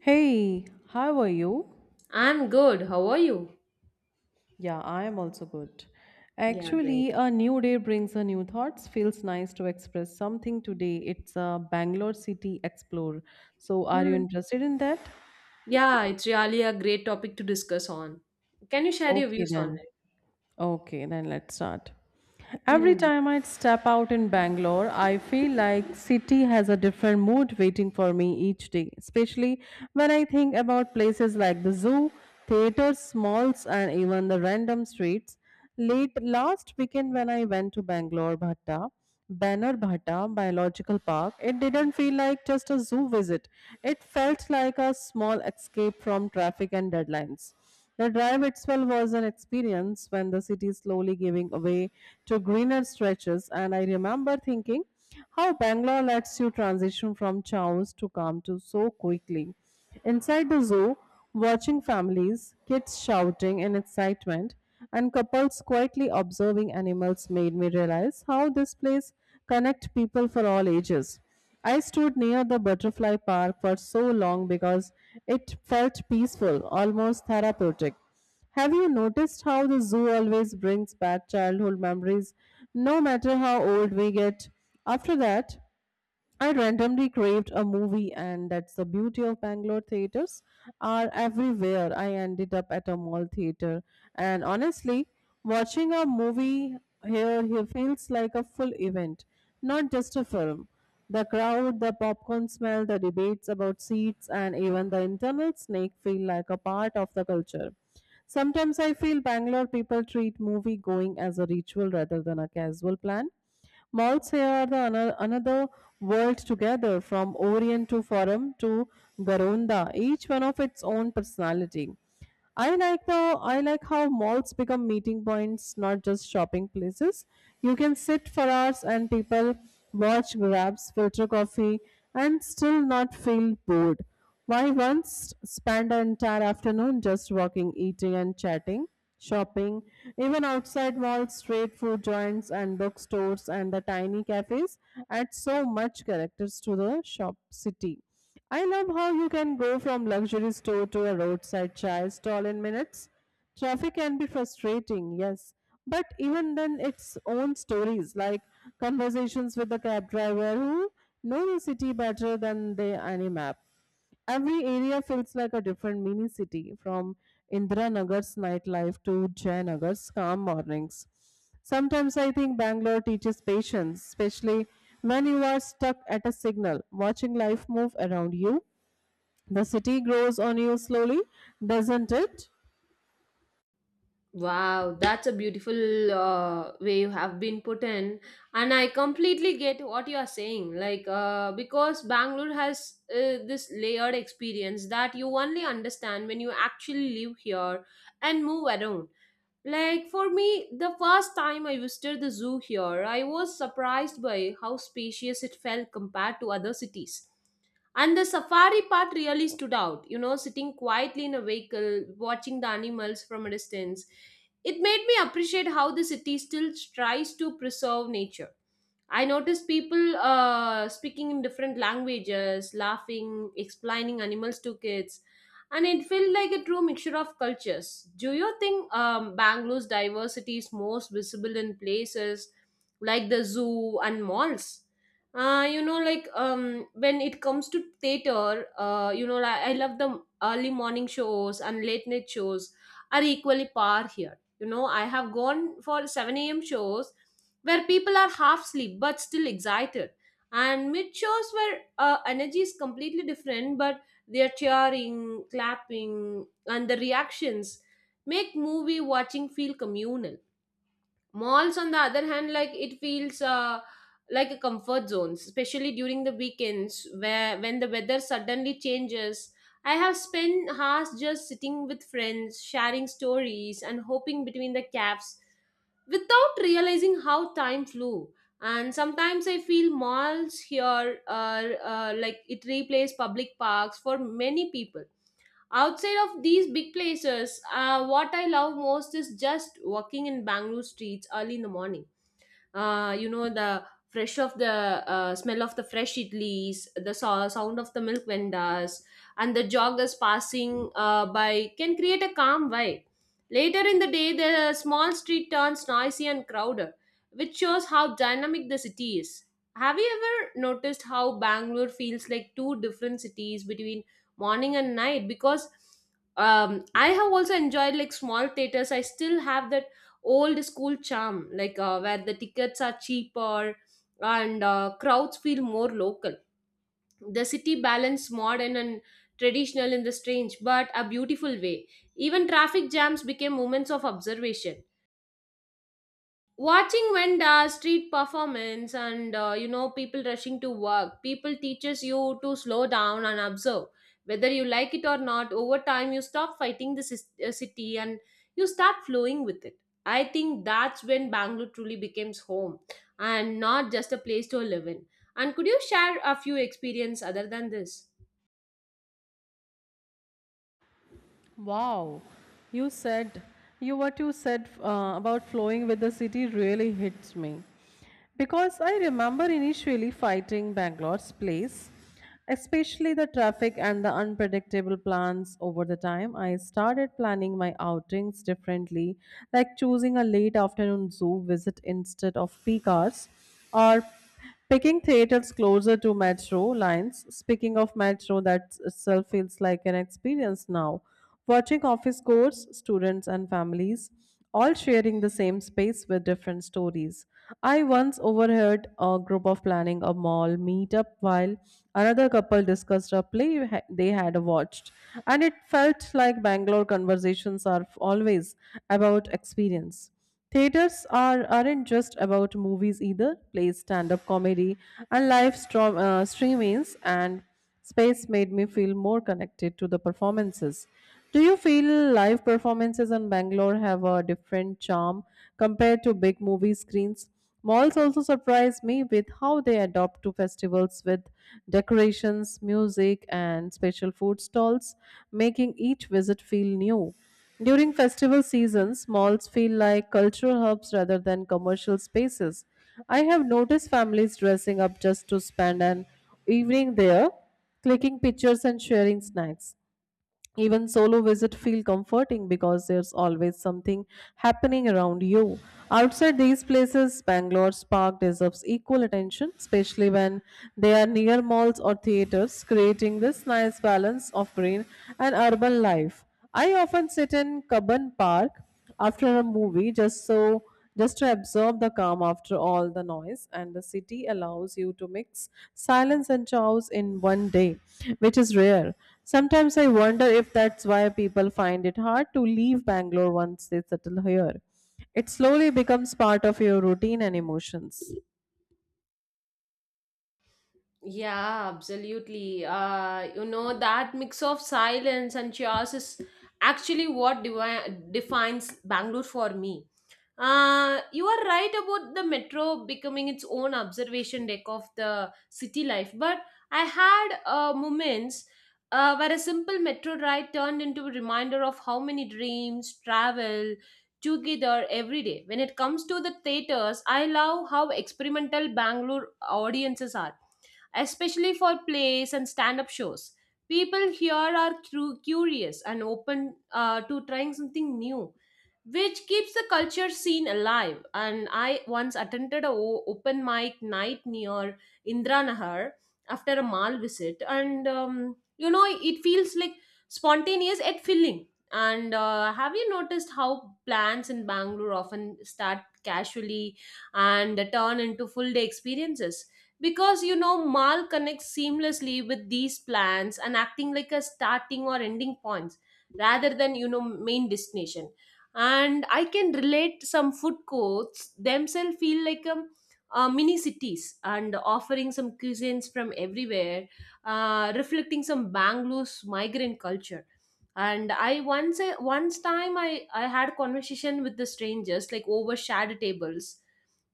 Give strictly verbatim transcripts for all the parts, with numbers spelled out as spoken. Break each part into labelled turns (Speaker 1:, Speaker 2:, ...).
Speaker 1: Hey, how are you?
Speaker 2: I'm good. How are you?
Speaker 1: Yeah, I am also good.
Speaker 2: Yeah, great.
Speaker 1: Actually, a new day brings a new thoughts. Feels nice to express something today. It's a Bangalore City Explore. So, are you
Speaker 2: Hmm.
Speaker 1: interested in that?
Speaker 2: Yeah, it's really a great topic to discuss on. Can you share your
Speaker 1: Okay,
Speaker 2: views on
Speaker 1: then.
Speaker 2: it?
Speaker 1: Okay, then let's start. Every
Speaker 2: Hmm.
Speaker 1: time I step out in Bangalore, I feel like city has a different mood waiting for me each day, especially when I think about places like the zoo, theaters, malls and even the random streets. Late last weekend when I went to Bangalore Bhatta, Banner Bhatta Biological Park, it didn't feel like just a zoo visit. It felt like a small escape from traffic and deadlines. The drive itself was an experience when the city slowly giving away to greener stretches, and I remember thinking how Bangalore lets you transition from chaos to calm to so quickly. Inside the zoo, watching families, kids shouting in excitement, and couples quietly observing animals made me realize how this place connect people for all ages. I stood near the butterfly park for so long because it felt peaceful, almost therapeutic. Have you noticed how the zoo always brings back childhood memories, no matter how old we get? After that, I randomly craved a movie, and that's the beauty of Bangalore theaters are everywhere. I ended up at a mall theater, and honestly, watching a movie here here feels like a full event, not just a film. The crowd, the popcorn smell, the debates about seats, and even the internal snake feel like a part of the culture. Sometimes I feel Bangalore people treat movie going as a ritual rather than a casual plan. Malls here are the ano- another world together, from Orient to Forum to Garonda, each one of its own personality. I like the I like how malls become meeting points, not just shopping places. You can sit for hours and people watch grabs, filter coffee, and still not feel bored. Why once spend an entire afternoon just walking, eating, and chatting, shopping, even outside malls, street food joints, and bookstores, and the tiny cafes add so much characters to the shop city. I love how you can go from luxury store to a roadside chai stall in minutes. Traffic can be frustrating, yes, but even then, its own stories like conversations with the cab driver who know the city better than they any map. Every area feels like a different mini city, from Indira Nagar's nightlife to Jayanagar's calm mornings. Sometimes I think Bangalore teaches patience, especially when you are stuck at a signal, watching life move around you. The city grows on you slowly, doesn't it?
Speaker 2: Wow, that's a beautiful uh, way you have been put in, and I completely get what you are saying. Like, uh, because Bangalore has uh, this layered experience that you only understand when you actually live here and move around. Like for me, the first time I visited the zoo here, I was surprised by how spacious it felt compared to other cities. And the safari part really stood out, you know, sitting quietly in a vehicle, watching the animals from a distance. It made me appreciate how the city still tries to preserve nature. I noticed people uh, speaking in different languages, laughing, explaining animals to kids, and it felt like a true mixture of cultures. Do you think um, Bangalore's diversity is most visible in places like the zoo and malls? Uh, you know, like um, when it comes to theater, uh, you know, like, I love the early morning shows and late night shows are equally par here. You know, I have gone for seven a m shows where people are half asleep but still excited, and mid shows where uh, energy is completely different, but their cheering, clapping, and the reactions make movie watching feel communal. Malls, on the other hand, like it feels uh, like a comfort zone, especially during the weekends where when the weather suddenly changes. I have spent hours just sitting with friends, sharing stories, and hoping between the cafes without realizing how time flew. And sometimes I feel malls here are uh, like it replaces public parks for many people. Outside of these big places, uh, what I love most is just walking in Bangalore streets early in the morning. Uh, you know, the fresh of the uh, smell of the fresh idlis, the so- sound of the milk vendors and the joggers passing uh, by can create a calm vibe. Later in the day the small street turns noisy and crowded, which shows how dynamic the city is. Have you ever noticed how Bangalore feels like two different cities between morning and night? Because um, I have also enjoyed like small theaters. I still have the old school charm, like uh, where the tickets are cheaper and uh, crowds feel more local. The city balance modern and traditional in the strange but a beautiful way. Even traffic jams became moments of observation, watching vanda street performance and uh, you know, people rushing to work, people teaches you to slow down and observe, whether you like it or not. Over time you stop fighting the sis- uh, city and you start flowing with it. I think that's when Bangalore truly becomes home, and not just a place to live in. And could you share a few experience other than this?
Speaker 1: Wow, you said you what you said uh, about flowing with the city really hits me because I remember initially fighting Bangalore's place, especially the traffic and the unpredictable plans. Over the time, I started planning my outings differently, like choosing a late afternoon zoo visit instead of peak hours, or picking theaters closer to metro lines. Speaking of metro, that itself feels like an experience now. Watching office codes, students, and families all sharing the same space with different stories. I once overheard a group of planning a mall meetup while another couple discussed a play ha- they had watched. And it felt like Bangalore conversations are f- always about experience. Theaters are, aren't just about movies either. Plays, stand up comedy, and live stro- uh, streamings and space made me feel more connected to the performances. Do you feel live performances in Bangalore have a different charm compared to big movie screens? Malls also surprise me with how they adopt to festivals with decorations, music, and special food stalls, making each visit feel new. During festival seasons, malls feel like cultural hubs rather than commercial spaces. I have noticed families dressing up just to spend an evening there, clicking pictures and sharing snacks. Even solo visit feel comforting because there's always something happening around you. Outside these places, Bangalore's park deserves equal attention, especially when they are near malls or theaters, creating this nice balance of green and urban life. I often sit in Kaban Park after a movie just so just to absorb the calm after all the noise, and the city allows you to mix silence and chaos in one day, which is rare. Sometimes I wonder if that's why people find it hard to leave Bangalore once they settle here. It slowly becomes part of your routine and emotions.
Speaker 2: Yeah, absolutely. Uh, you know, that mix of silence and chaos is actually what devi- defines Bangalore for me. Uh, you are right about the metro becoming its own observation deck of the city life, but I had uh, moments uh, where a simple metro ride turned into a reminder of how many dreams travel together every day. When it comes to the theaters, I love how experimental Bangalore audiences are, especially for plays and stand up shows. People here are cu- curious and open uh, to trying something new, which keeps the culture scene alive. And I once attended a o- open mic night near Indranahar after a mall visit, and um, you know it feels like spontaneous yet filling. And uh, have you noticed how plans in Bangalore often start casually and turn into full day experiences? Because you know, mall connects seamlessly with these plans and acting like a starting or ending points, rather than you know main destination. And I can relate, some food courts themselves feel like um, uh, mini cities and offering some cuisines from everywhere, uh, reflecting some Bangalore's migrant culture. And I once uh, once time i i had conversation with the strangers like over shared tables.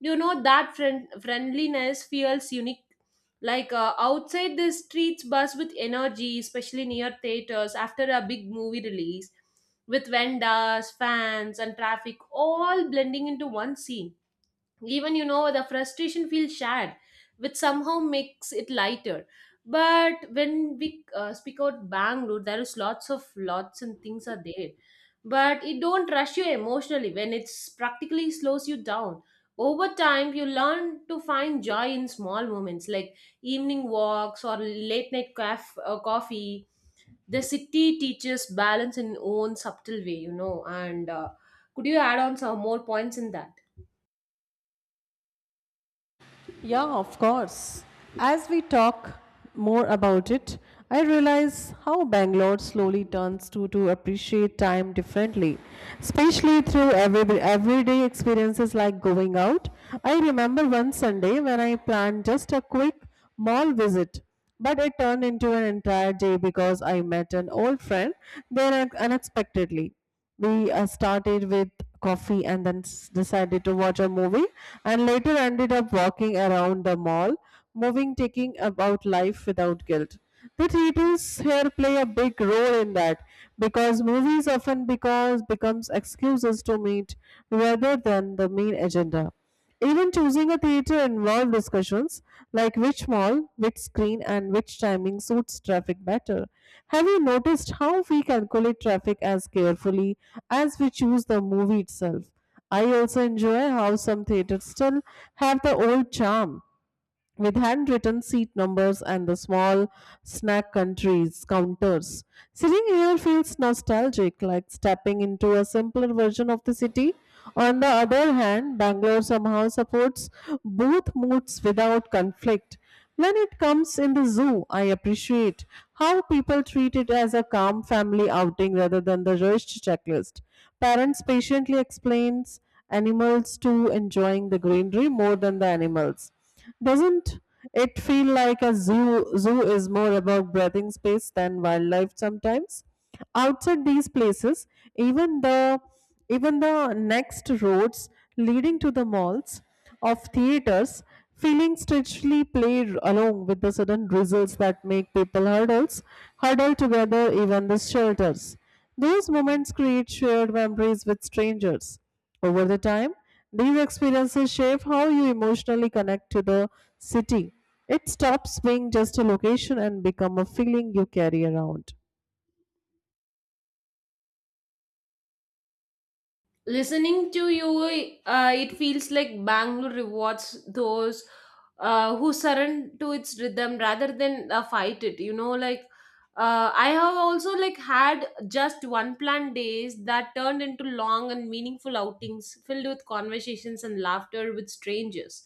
Speaker 2: You know, that friend, friendliness feels unique. Like uh, outside the streets buzz with energy, especially near theaters after a big movie release, with vendors, fans, and traffic all blending into one scene. Even you know, the frustration feels shared, which somehow makes it lighter. But when we uh, speak out Bangalore, there is lots of lots and things are there, but it don't rush you emotionally when it's practically slows you down. Over time, you learn to find joy in small moments like evening walks or late night caf- uh, coffee. The city teaches balance in own subtle way, you know. And uh, could you add on some more points in that?
Speaker 1: Yeah, of course. As we talk more about it, I realize how Bangalore slowly turns to to appreciate time differently, especially through every, everyday experiences like going out. I remember one Sunday when I planned just a quick mall visit, but it turned into an entire day because I met an old friend there un- unexpectedly. We uh, started with coffee, and then s- decided to watch a movie and later ended up walking around the mall, moving, taking about life without guilt. The titles here play a big role in that because movies often because becomes excuses to meet rather than the main agenda. Even choosing a theater involved discussions like which mall, which screen, and which timing suits traffic better. Have you noticed how we calculate traffic as carefully as we choose the movie itself? I also enjoy how some theaters still have the old charm, with handwritten seat numbers and the small snack countries counters. Sitting here feels nostalgic, like stepping into a simpler version of the city. On the other hand, Bangalore somehow supports both moods without conflict. When it comes in the zoo, I appreciate how people treat it as a calm family outing rather than the rushed checklist. Parents patiently explains animals to enjoying the greenery more than the animals. Doesn't it feel like a zoo zoo is more about breathing space than wildlife sometimes? Outside these places, even the even the next roads leading to the malls of theaters feeling strangely play along with the sudden drizzles that make people hurdles huddle together even the shelters. Those moments create shared memories with strangers. Over the time, these experiences shape how you emotionally connect to the city. It stops being just a location and become a feeling you carry around.
Speaker 2: Listening to you, uh, it feels like Bangalore rewards those uh, who surrender to its rhythm rather than uh, fight it. You know, like uh, I have also like had just one planned days that turned into long and meaningful outings filled with conversations and laughter with strangers.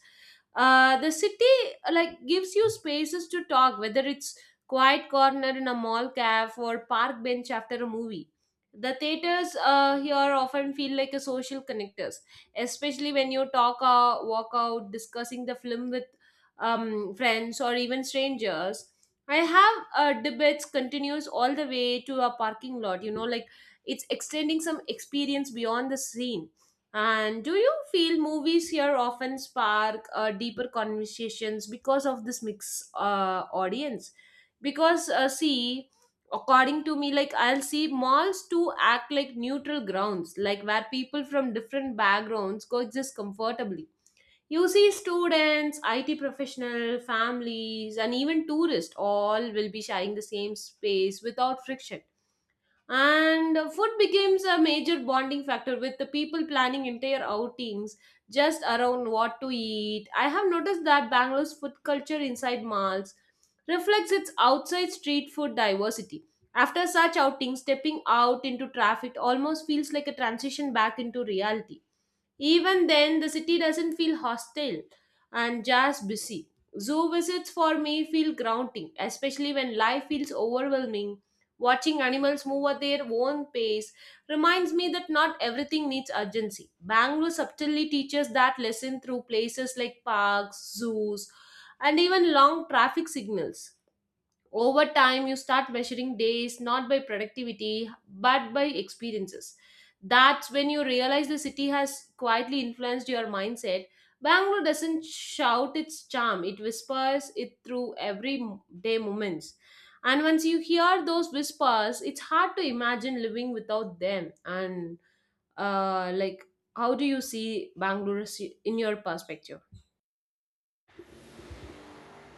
Speaker 2: Uh, the city uh, like gives you spaces to talk, whether it's quiet corner in a mall cafe or park bench after a movie. The theaters uh, here often feel like a social connectors, especially when you talk or walk out discussing the film with um, friends or even strangers. I have uh, debates continues all the way to a parking lot. You know, like it's extending some experience beyond the scene. And do you feel movies here often spark uh, deeper conversations because of this mix uh, audience? Because uh, see, according to me like I'll see malls to act like neutral grounds, like where people from different backgrounds coexist comfortably. You see, students, it professional families, and even tourists all will be sharing the same space without friction. And uh, food becomes a major bonding factor with the people planning entire outings just around what to eat. I have noticed that Bangalore's food culture inside malls reflects its outside street food diversity. After such outings, stepping out into traffic almost feels like a transition back into reality. Even then, the city doesn't feel hostile and just busy. Zoo visits for me feel grounding, especially when life feels overwhelming. Watching animals move at their own pace reminds me that not everything needs urgency. Bangalore subtly teaches that lesson through places like parks, zoos, and even long traffic signals. Over time, you start measuring days not by productivity but by experiences. That's when you realize the city has quietly influenced your mindset. Bangalore doesn't shout its charm, it whispers it through everyday moments. And once you hear those whispers, it's hard to imagine living without them. And uh, like, how do you see Bangalore si, in your perspective?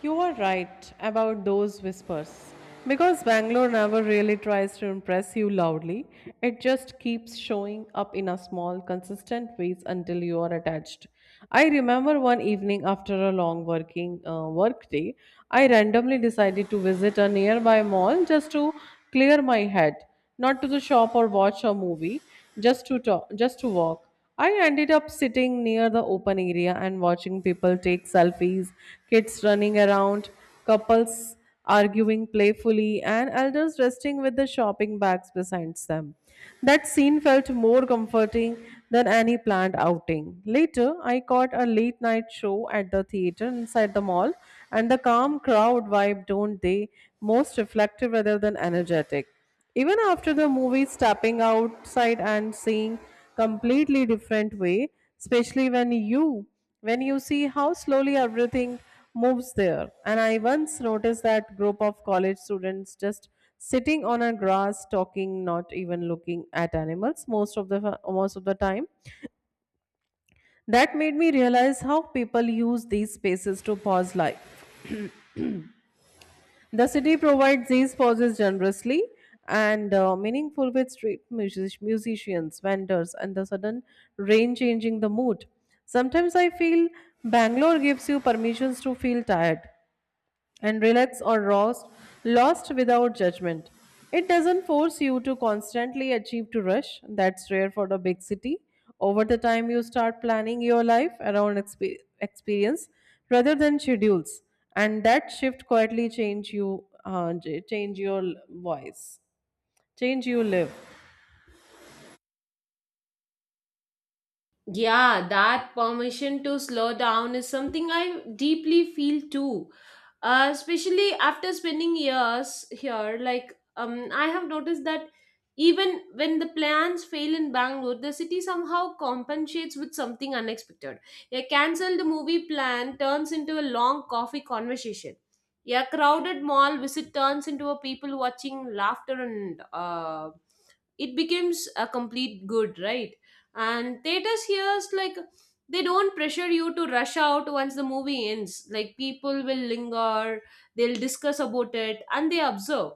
Speaker 1: You are right about those whispers. Because Bangalore never really tries to impress you loudly, it just keeps showing up in a small, consistent ways until you are attached. I remember one evening after a long working uh, work day, I randomly decided to visit a nearby mall just to clear my head, not to the shop or watch a movie, just to talk, just to walk. I ended up sitting near the open area and watching people take selfies, kids running around, couples arguing playfully, and elders resting with the shopping bags beside them. That scene felt more comforting than any planned outing. Later, I caught a late night show at the theater inside the mall, and the calm crowd vibe don't they most reflective rather than energetic. Even after the movie, stepping outside and seeing completely different way, especially when you when you see how slowly everything moves there. And I once noticed that group of college students just sitting on a grass talking, not even looking at animals most of the most of the time. That made me realize how people use these spaces to pause life. The city provides these pauses generously and uh, meaningful with street music- musicians, vendors, and the sudden rain changing the mood. Sometimes I feel Bangalore gives you permissions to feel tired and relax or roast, lost without judgment. It doesn't force you to constantly achieve to rush. That's rare for the big city. Over the time, you start planning your life around expe- experience rather than schedules, and that shift quietly change you, uh, j- change your l- voice, change you live.
Speaker 2: Yeah, that permission to slow down is something I deeply feel too. Uh, especially after spending years here, like um, I have noticed that even when the plans fail in Bangalore, the city somehow compensates with something unexpected. A cancelled movie plan turns into a long coffee conversation. A crowded mall visit turns into a people watching laughter, and uh, it becomes a complete good, right? And theaters here is like they don't pressure you to rush out once the movie ends, like people will linger, they'll discuss about it and they observe.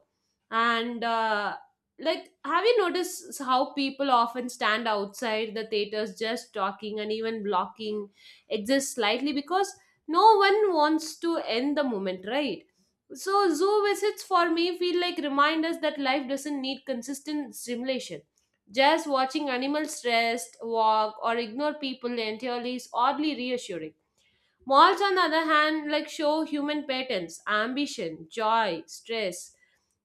Speaker 2: And uh, like have you noticed how people often stand outside the theaters just talking and even blocking exists slightly because no one wants to end the moment, right? So zoo visits for me feel like reminders that life doesn't need consistent stimulation, just watching animals rest, walk, or ignore people entirely is oddly reassuring. Malls, on the other hand, like show human patterns, ambition, joy, stress,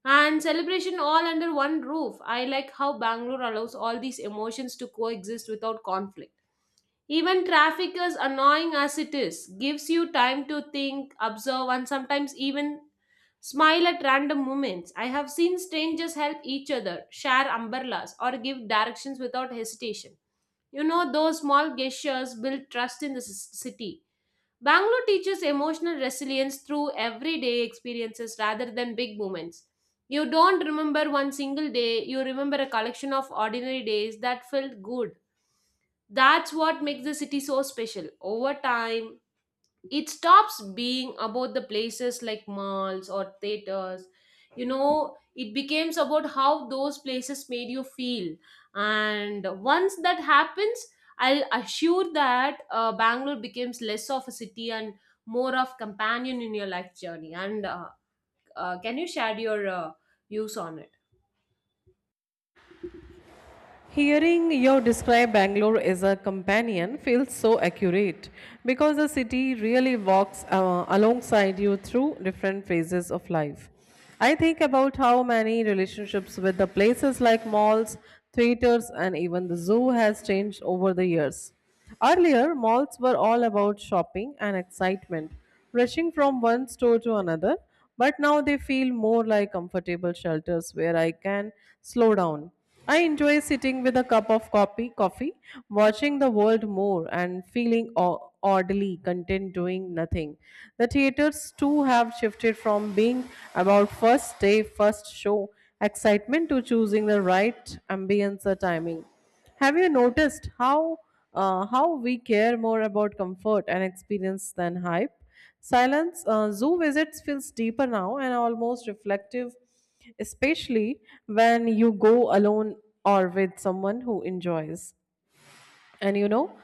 Speaker 2: and celebration all under one roof. I like how Bangalore allows all these emotions to coexist without conflict. Even traffic, as annoying as it is, gives you time to think, observe, and sometimes even smile at random moments. I have seen strangers help each other, share umbrellas, or give directions without hesitation. You know, those small gestures build trust in the s- city. Bangalore teaches emotional resilience through everyday experiences rather than big moments. You don't remember one single day, you remember a collection of ordinary days that felt good. That's what makes the city so special. Over time, it stops being about the places like malls or theaters. You know, it becomes about how those places made you feel. And once that happens, I'll assure that uh, Bangalore becomes less of a city and more of companion in your life journey. And uh, uh, can you share your uh, views on it?
Speaker 1: Hearing you describe Bangalore as a companion feels so accurate because the city really walks uh, alongside you through different phases of life. I think about how many relationships with the places like malls, theaters, and even the zoo has changed over the years. Earlier, malls were all about shopping and excitement, rushing from one store to another, but now they feel more like comfortable shelters where I can slow down. I enjoy sitting with a cup of coffee, coffee, watching the world more and feeling o- oddly content doing nothing. The theaters too have shifted from being about first day, first show excitement to choosing the right ambience or timing. Have you noticed how uh, how we care more about comfort and experience than hype? Silence, uh, zoo visits feels deeper now and almost reflective, especially when you go alone or with someone who enjoys. And you know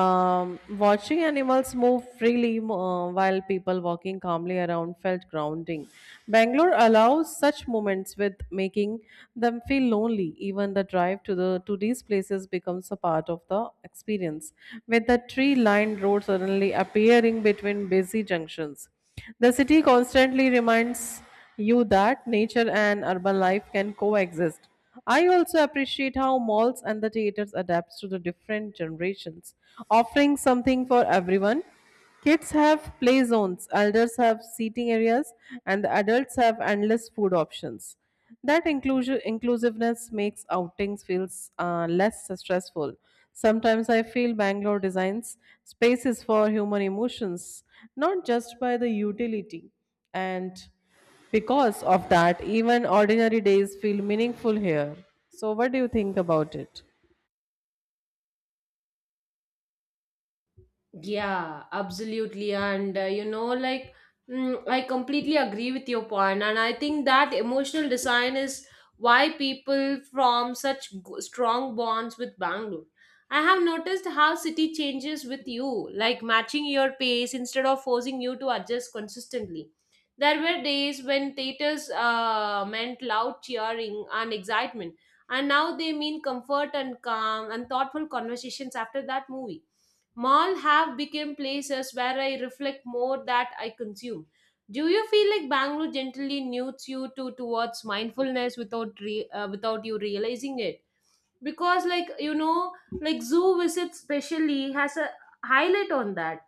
Speaker 1: um, Watching animals move freely uh, while people walking calmly around felt grounding. Bangalore allows such moments with making them feel lonely. Even the drive to the to these places becomes a part of the experience, with the tree lined road suddenly appearing between busy junctions. The city constantly reminds you that nature and urban life can coexist. I also appreciate how malls and the theaters adapt to the different generations, offering something for everyone. Kids have play zones, elders have seating areas, and the adults have endless food options. That inclusion inclusiveness makes outings feels uh, less stressful. Sometimes I feel Bangalore designs spaces for human emotions, not just by the utility. And because of that, even ordinary days feel meaningful here. So, what do you think about it?
Speaker 2: Yeah, absolutely. And uh, you know, like, mm, I completely agree with your point. And I think that emotional design is why people form such g- strong bonds with Bangalore. I have noticed how city changes with you, like matching your pace instead of forcing you to adjust consistently. There were days when theaters uh, meant loud cheering and excitement, and now they mean comfort and calm and thoughtful conversations after that movie. Mall have become places where I reflect more that I consume. Do you feel like Bangalore gently nudges you to towards mindfulness without re- uh, without you realizing it? Because like you know, like zoo visits specially has a highlight on that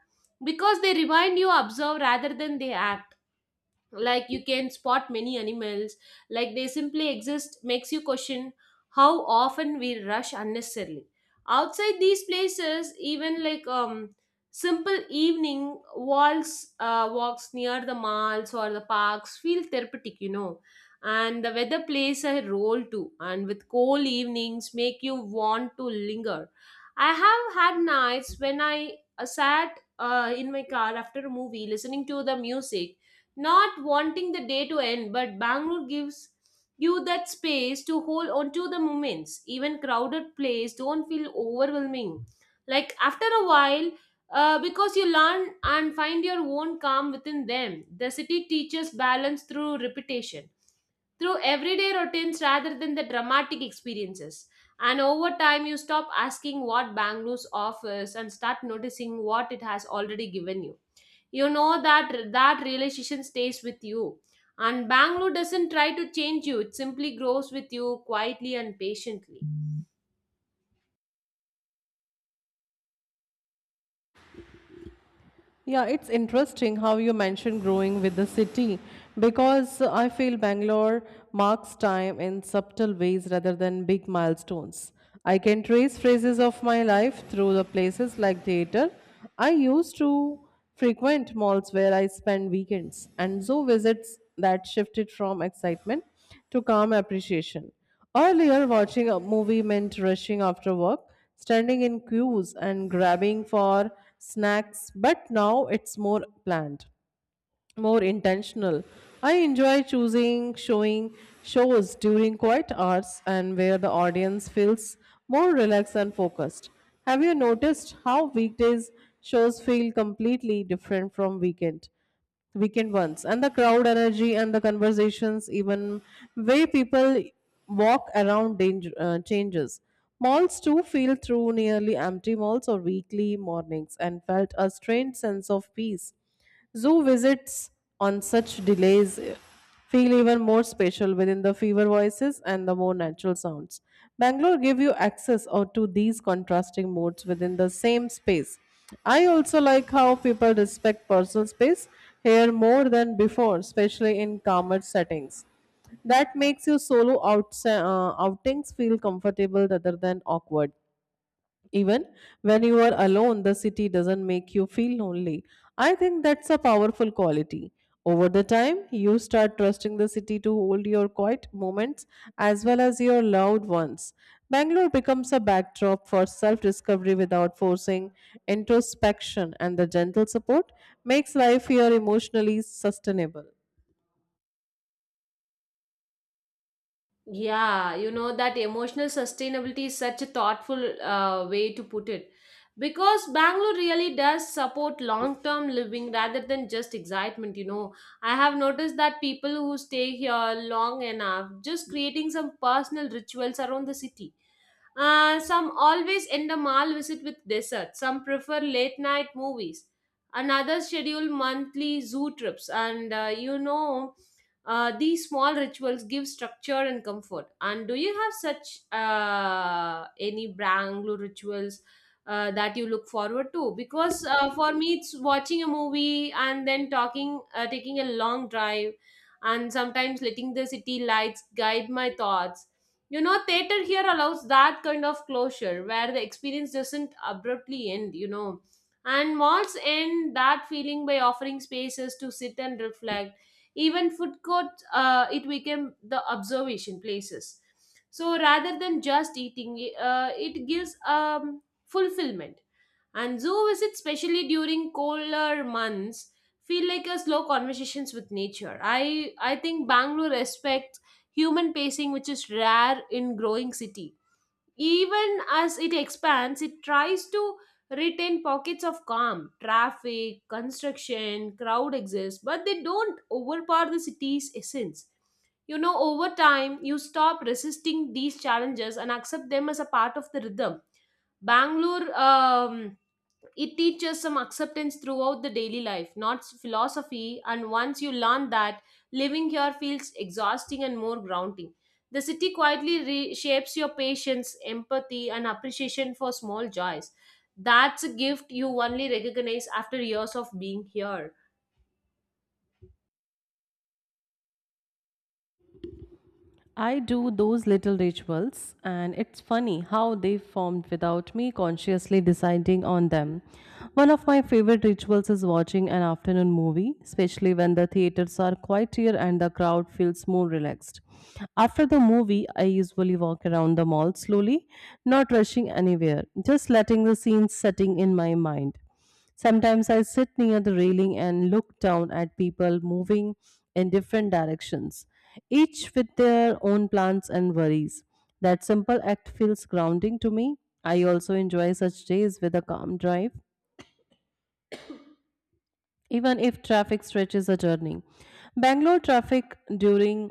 Speaker 2: because they remind you observe rather than they act, like you can spot many animals like they simply exist makes you question how often we rush unnecessarily outside these places, even like um simple evening walks uh, walks near the malls or the parks feel therapeutic you know And the weather plays a role too, and with cold evenings make you want to linger. I have had nights when i uh, sat uh, in my car after a movie listening to the music, not wanting the day to end, but Bangalore gives you that space to hold on to the moments. Even crowded places don't feel overwhelming. Like after a while, uh, because you learn and find your own calm within them. The city teaches balance through repetition, through everyday routines rather than the dramatic experiences. And over time, you stop asking what Bangalore's offers and start noticing what it has already given you. You know, that that realization stays with you, and Bangalore doesn't try to change you, it simply grows with you quietly and patiently.
Speaker 1: Yeah, it's interesting how you mentioned growing with the city, because I feel Bangalore marks time in subtle ways rather than big milestones. I can trace phases of my life through the places like theater. I used to frequent malls where I spend weekends, and zoo visits that shifted from excitement to calm appreciation. Earlier, watching a movie meant rushing after work, standing in queues, and grabbing for snacks, but now it's more planned, more intentional. I enjoy choosing showing shows during quiet hours, and where the audience feels more relaxed and focused. Have you noticed how weekdays shows feel completely different from weekend weekend ones, and the crowd energy and the conversations, even way people walk around danger, uh, changes. Malls too feel through nearly empty malls or weekly mornings, and felt a strange sense of peace. Zoo visits on such delays feel even more special within the fever voices and the more natural sounds. Bangalore give you access or to these contrasting moods within the same space. I also like how people respect personal space here more than before, especially in calmer settings. That makes your solo outs- uh, outings feel comfortable rather than awkward. Even when you are alone, the city doesn't make you feel lonely. I think that's a powerful quality. Over the time, you start trusting the city to hold your quiet moments as well as your loud ones. Bangalore becomes a backdrop for self discovery without forcing, introspection, and the gentle support makes life here emotionally sustainable.
Speaker 2: Yeah, you know that emotional sustainability is such a thoughtful uh, way to put it because Bangalore really does support long term living rather than just excitement. You know, I have noticed that people who stay here long enough just creating some personal rituals around the city. Uh, some always end a mall visit with dessert, some prefer late night movies, and others schedule monthly zoo trips, and uh, you know uh, these small rituals give structure and comfort. And do you have such uh, any Bangalore rituals uh, that you look forward to? Because uh, for me, it's watching a movie and then talking, uh, taking a long drive, and sometimes letting the city lights guide my thoughts. You know, theater here allows that kind of closure where the experience doesn't abruptly end. You know, and malls end that feeling by offering spaces to sit and reflect. Even food courts, uh, it became the observation places. So rather than just eating, uh, it gives um, fulfillment. And zoo visits, especially during colder months, feel like a slow conversations with nature. I I think Bangalore respects human pacing, which is rare in growing city. Even as it expands, it tries to retain pockets of calm. Traffic, construction, crowd exist, but they don't overpower the city's essence. You know, over time, you stop resisting these challenges and accept them as a part of the rhythm. Bangalore um, it teaches some acceptance throughout the daily life, not s- philosophy. And once you learn that, living here feels exhausting and more grounding. The city quietly reshapes your patience, empathy, and appreciation for small joys. That's a gift you only recognize after years of being here.
Speaker 1: I do those little rituals, and it's funny how they formed without me consciously deciding on them. One of my favorite rituals is watching an afternoon movie, especially when the theaters are quieter and the crowd feels more relaxed. After the movie, I usually walk around the mall slowly, not rushing anywhere, just letting the scenes setting in my mind. Sometimes I sit near the railing and look down at people moving in different directions, each with their own plans and worries. That simple act feels grounding to me. I also enjoy such days with a calm drive, even if traffic stretches a journey. Bangalore traffic during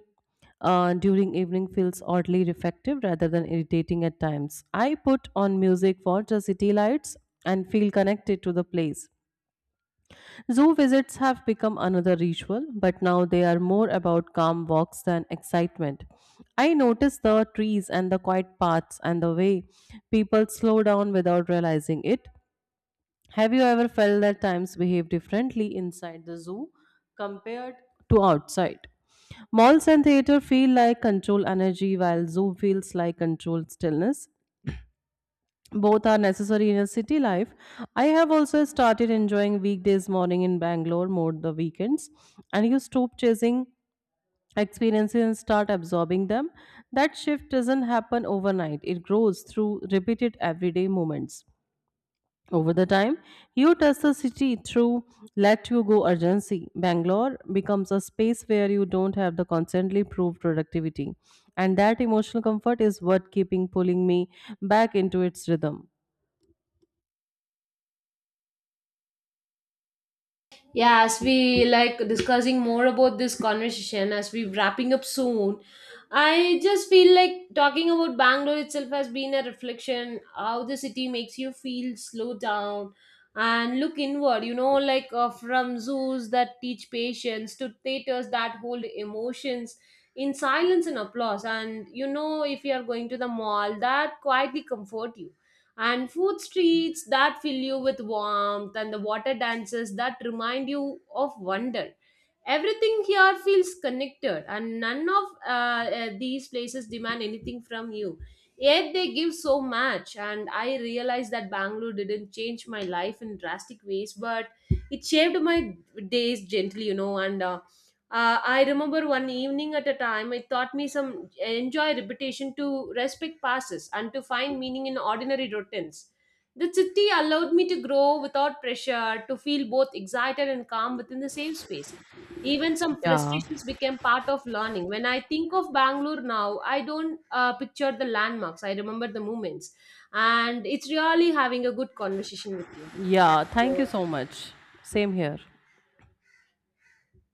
Speaker 1: uh, during evening feels oddly reflective rather than irritating at times. I put on music for the city lights and feel connected to the place. Zoo visits have become another ritual, but now they are more about calm walks than excitement. I notice the trees and the quiet paths and the way people slow down without realizing it. Have you ever felt that times behave differently inside the zoo compared to outside? Malls and theater feel like control energy, while zoo feels like controlled stillness. Both are necessary in a city life. I have also started enjoying weekdays morning in Bangalore more the weekends, and you stop chasing experiences and start absorbing them. That shift doesn't happen overnight, it grows through repeated everyday moments. Over the time, you touch the city through let you go urgency. Bangalore becomes a space where you don't have the constantly proved productivity, and that emotional comfort is what keeping pulling me back into its rhythm.
Speaker 2: Yeah, as we like discussing more about this conversation, as we wrapping up soon, I just feel like talking about Bangalore itself has been a reflection how the city makes you feel slow down and look inward. You know, like uh, from zoos that teach patience, to theaters that hold emotions in silence and applause, and you know, if you are going to the mall that quietly comfort you, and food streets that fill you with warmth, and the water dances that remind you of wonder, everything here feels connected, and none of uh, uh, these places demand anything from you, yet they give so much. And I realized that Bangalore didn't change my life in drastic ways, but it shaped my days gently, you know. And uh, uh, I remember one evening at a time, it taught me some enjoy repetition, to respect passes, and to find meaning in ordinary routines. The city allowed me to grow without pressure, to feel both excited and calm within the same space. Even some
Speaker 1: Yeah.
Speaker 2: frustrations became part of learning. When I think of Bangalore now, I don't uh, picture the landmarks. I remember the moments. And it's really having a good conversation with you.
Speaker 1: Yeah,
Speaker 2: Thank
Speaker 1: thank you
Speaker 2: you.
Speaker 1: so much. Same here.